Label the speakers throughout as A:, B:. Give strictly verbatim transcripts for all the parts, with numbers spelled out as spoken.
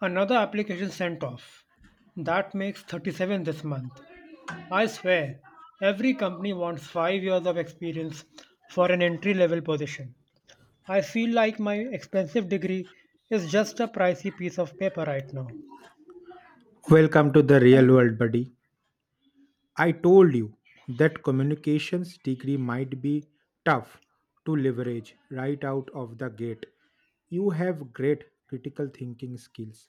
A: Another application sent off. That makes thirty-seven this month. I swear, every company wants five years of experience for an entry level position. I feel like my expensive degree is just a pricey piece of paper right now.
B: Welcome to the real world, buddy. I told you that communications degree might be tough to leverage right out of the gate. You have great critical thinking skills,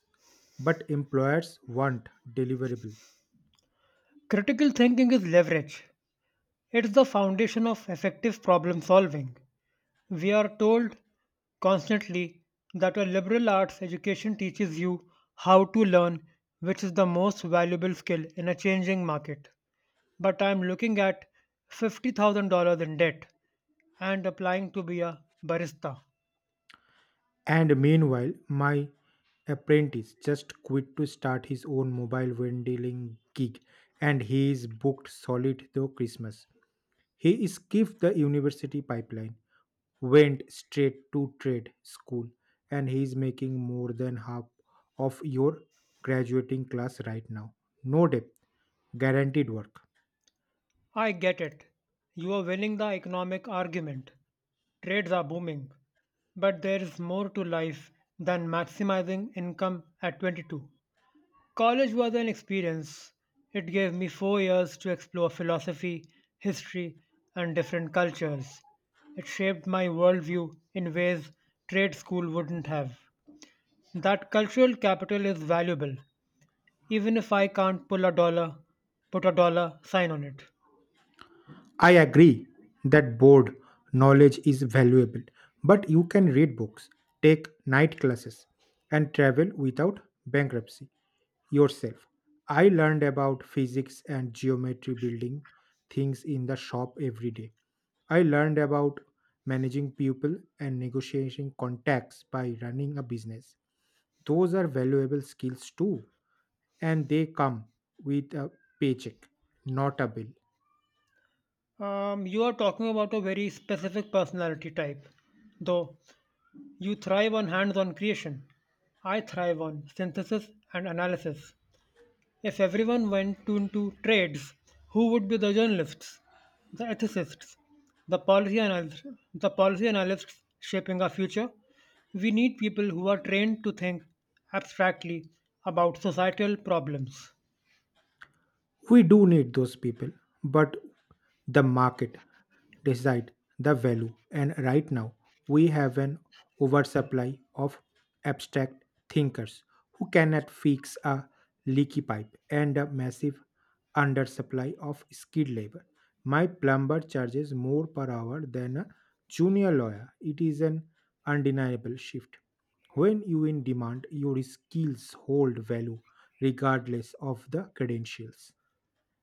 B: but employers want deliverable.
A: Critical thinking is leverage, it's the foundation of effective problem solving. We are told constantly that a liberal arts education teaches you how to learn, which is the most valuable skill in a changing market, but I'm looking at fifty thousand dollars in debt and applying to be a barista.
B: And meanwhile, my apprentice just quit to start his own mobile vending gig and he is booked solid through Christmas. He skipped the university pipeline, went straight to trade school, and he is making more than half of your graduating class right now. No debt, guaranteed work.
A: I get it. You are winning the economic argument. Trades are booming. But there is more to life than maximizing income at twenty-two. College was an experience. It gave me four years to explore philosophy, history, and different cultures. It shaped my worldview in ways trade school wouldn't have. That cultural capital is valuable, even if I can't pull a dollar, put a dollar sign on it.
B: I agree that board knowledge is valuable, but you can read books, take night classes, and travel without bankruptcy yourself. I learned about physics and geometry building things in the shop every day. I learned about managing people and negotiating contacts by running a business. Those are valuable skills too, and they come with a paycheck, not a bill.
A: Um, you are talking about a very specific personality type, though. You thrive on hands on creation. I thrive on synthesis and analysis. If everyone went to, into trades, who would be the journalists, the ethicists, the policy analysts, the policy analysts shaping our future? We need people who are trained to think abstractly about societal problems.
B: We do need those people, but the market decide the value, and right now we have an oversupply of abstract thinkers who cannot fix a leaky pipe and a massive undersupply of skilled labor. My plumber charges more per hour than a junior lawyer. It is an undeniable shift. When you in demand, your skills hold value regardless of the credentials.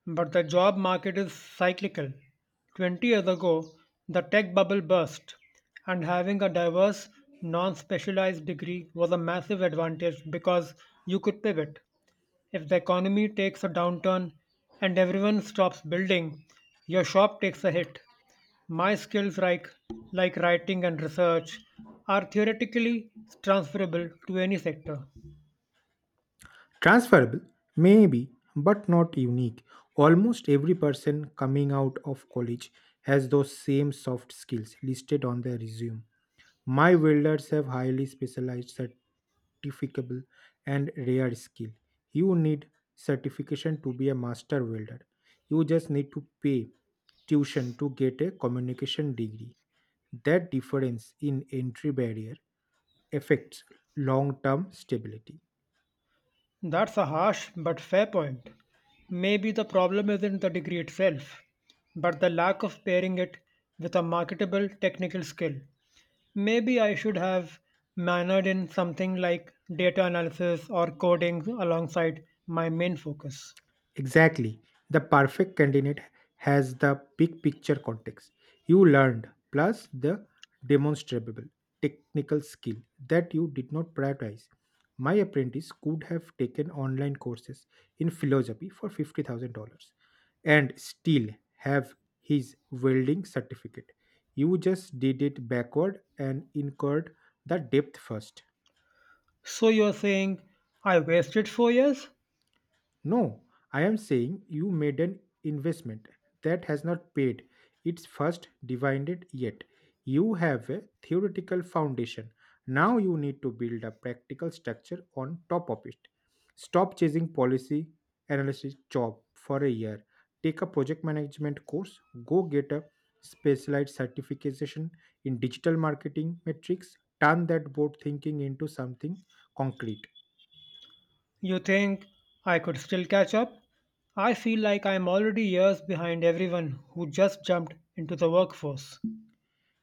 A: But the job market is cyclical. twenty years ago, the tech bubble burst, and having a diverse, non specialized degree was a massive advantage because you could pivot. If the economy takes a downturn and everyone stops building, your shop takes a hit. My skills like, like writing and research are theoretically transferable to any sector.
B: Transferable, maybe, but not unique. Almost every person coming out of college has those same soft skills listed on their resume. My welders have highly specialized certificable and rare skill. You need certification to be a master welder. You just need to pay tuition to get a communication degree. That difference in entry barrier affects long-term stability.
A: That's a harsh but fair point. Maybe the problem isn't the degree itself, but the lack of pairing it with a marketable technical skill. Maybe I should have manored in something like data analysis or coding alongside my main focus.
B: Exactly. The perfect candidate has the big picture context you learned plus the demonstrable technical skill that you did not prioritize. My apprentice could have taken online courses in philosophy for fifty thousand dollars and still have his welding certificate. You just did it backward and incurred the depth first.
A: So you're saying I wasted four years?
B: No, I am saying you made an investment that has not paid its first dividend yet. You have a theoretical foundation. Now you need to build a practical structure on top of it. Stop chasing policy analysis job for a year. Take a project management course. Go get a specialized certification in digital marketing metrics. Turn that board thinking into something concrete.
A: You think I could still catch up? I feel like I'm already years behind everyone who just jumped into the workforce.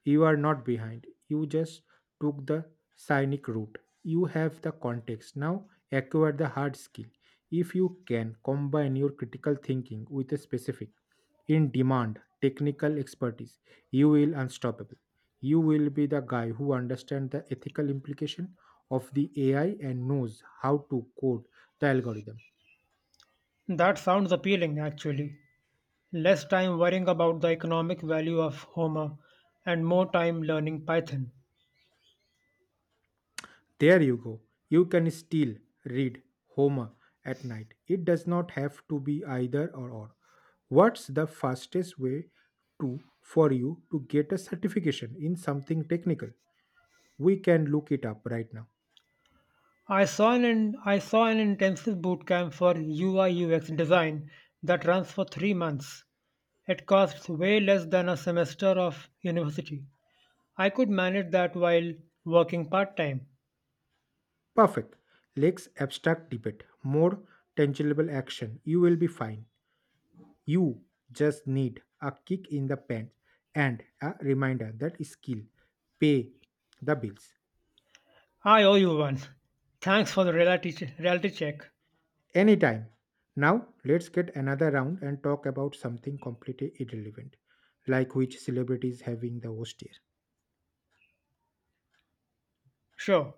B: You are not behind. You just took the scenic route. You have the context. Now acquire the hard skill. If you can combine your critical thinking with a specific, in demand, technical expertise, you will unstoppable. You will be the guy who understands the ethical implication of the A I and knows how to code the algorithm.
A: That sounds appealing, actually. Less time worrying about the economic value of Homer and more time learning Python.
B: There you go. You can still read Homer at night. It does not have to be either or or. What's the fastest way to for you to get a certification in something technical? We can look it up right now.
A: I saw an I saw an intensive bootcamp for U I U X design that runs for three months. It costs way less than a semester of university. I could manage that while working part-time.
B: Perfect. Let's abstract debate. More tangible action. You will be fine. You just need a kick in the pants and a reminder that skill pay the bills.
A: I owe you one. Thanks for the reality, reality check.
B: Anytime. Now, let's get another round and talk about something completely irrelevant, like which celebrity is having the host
A: Sure.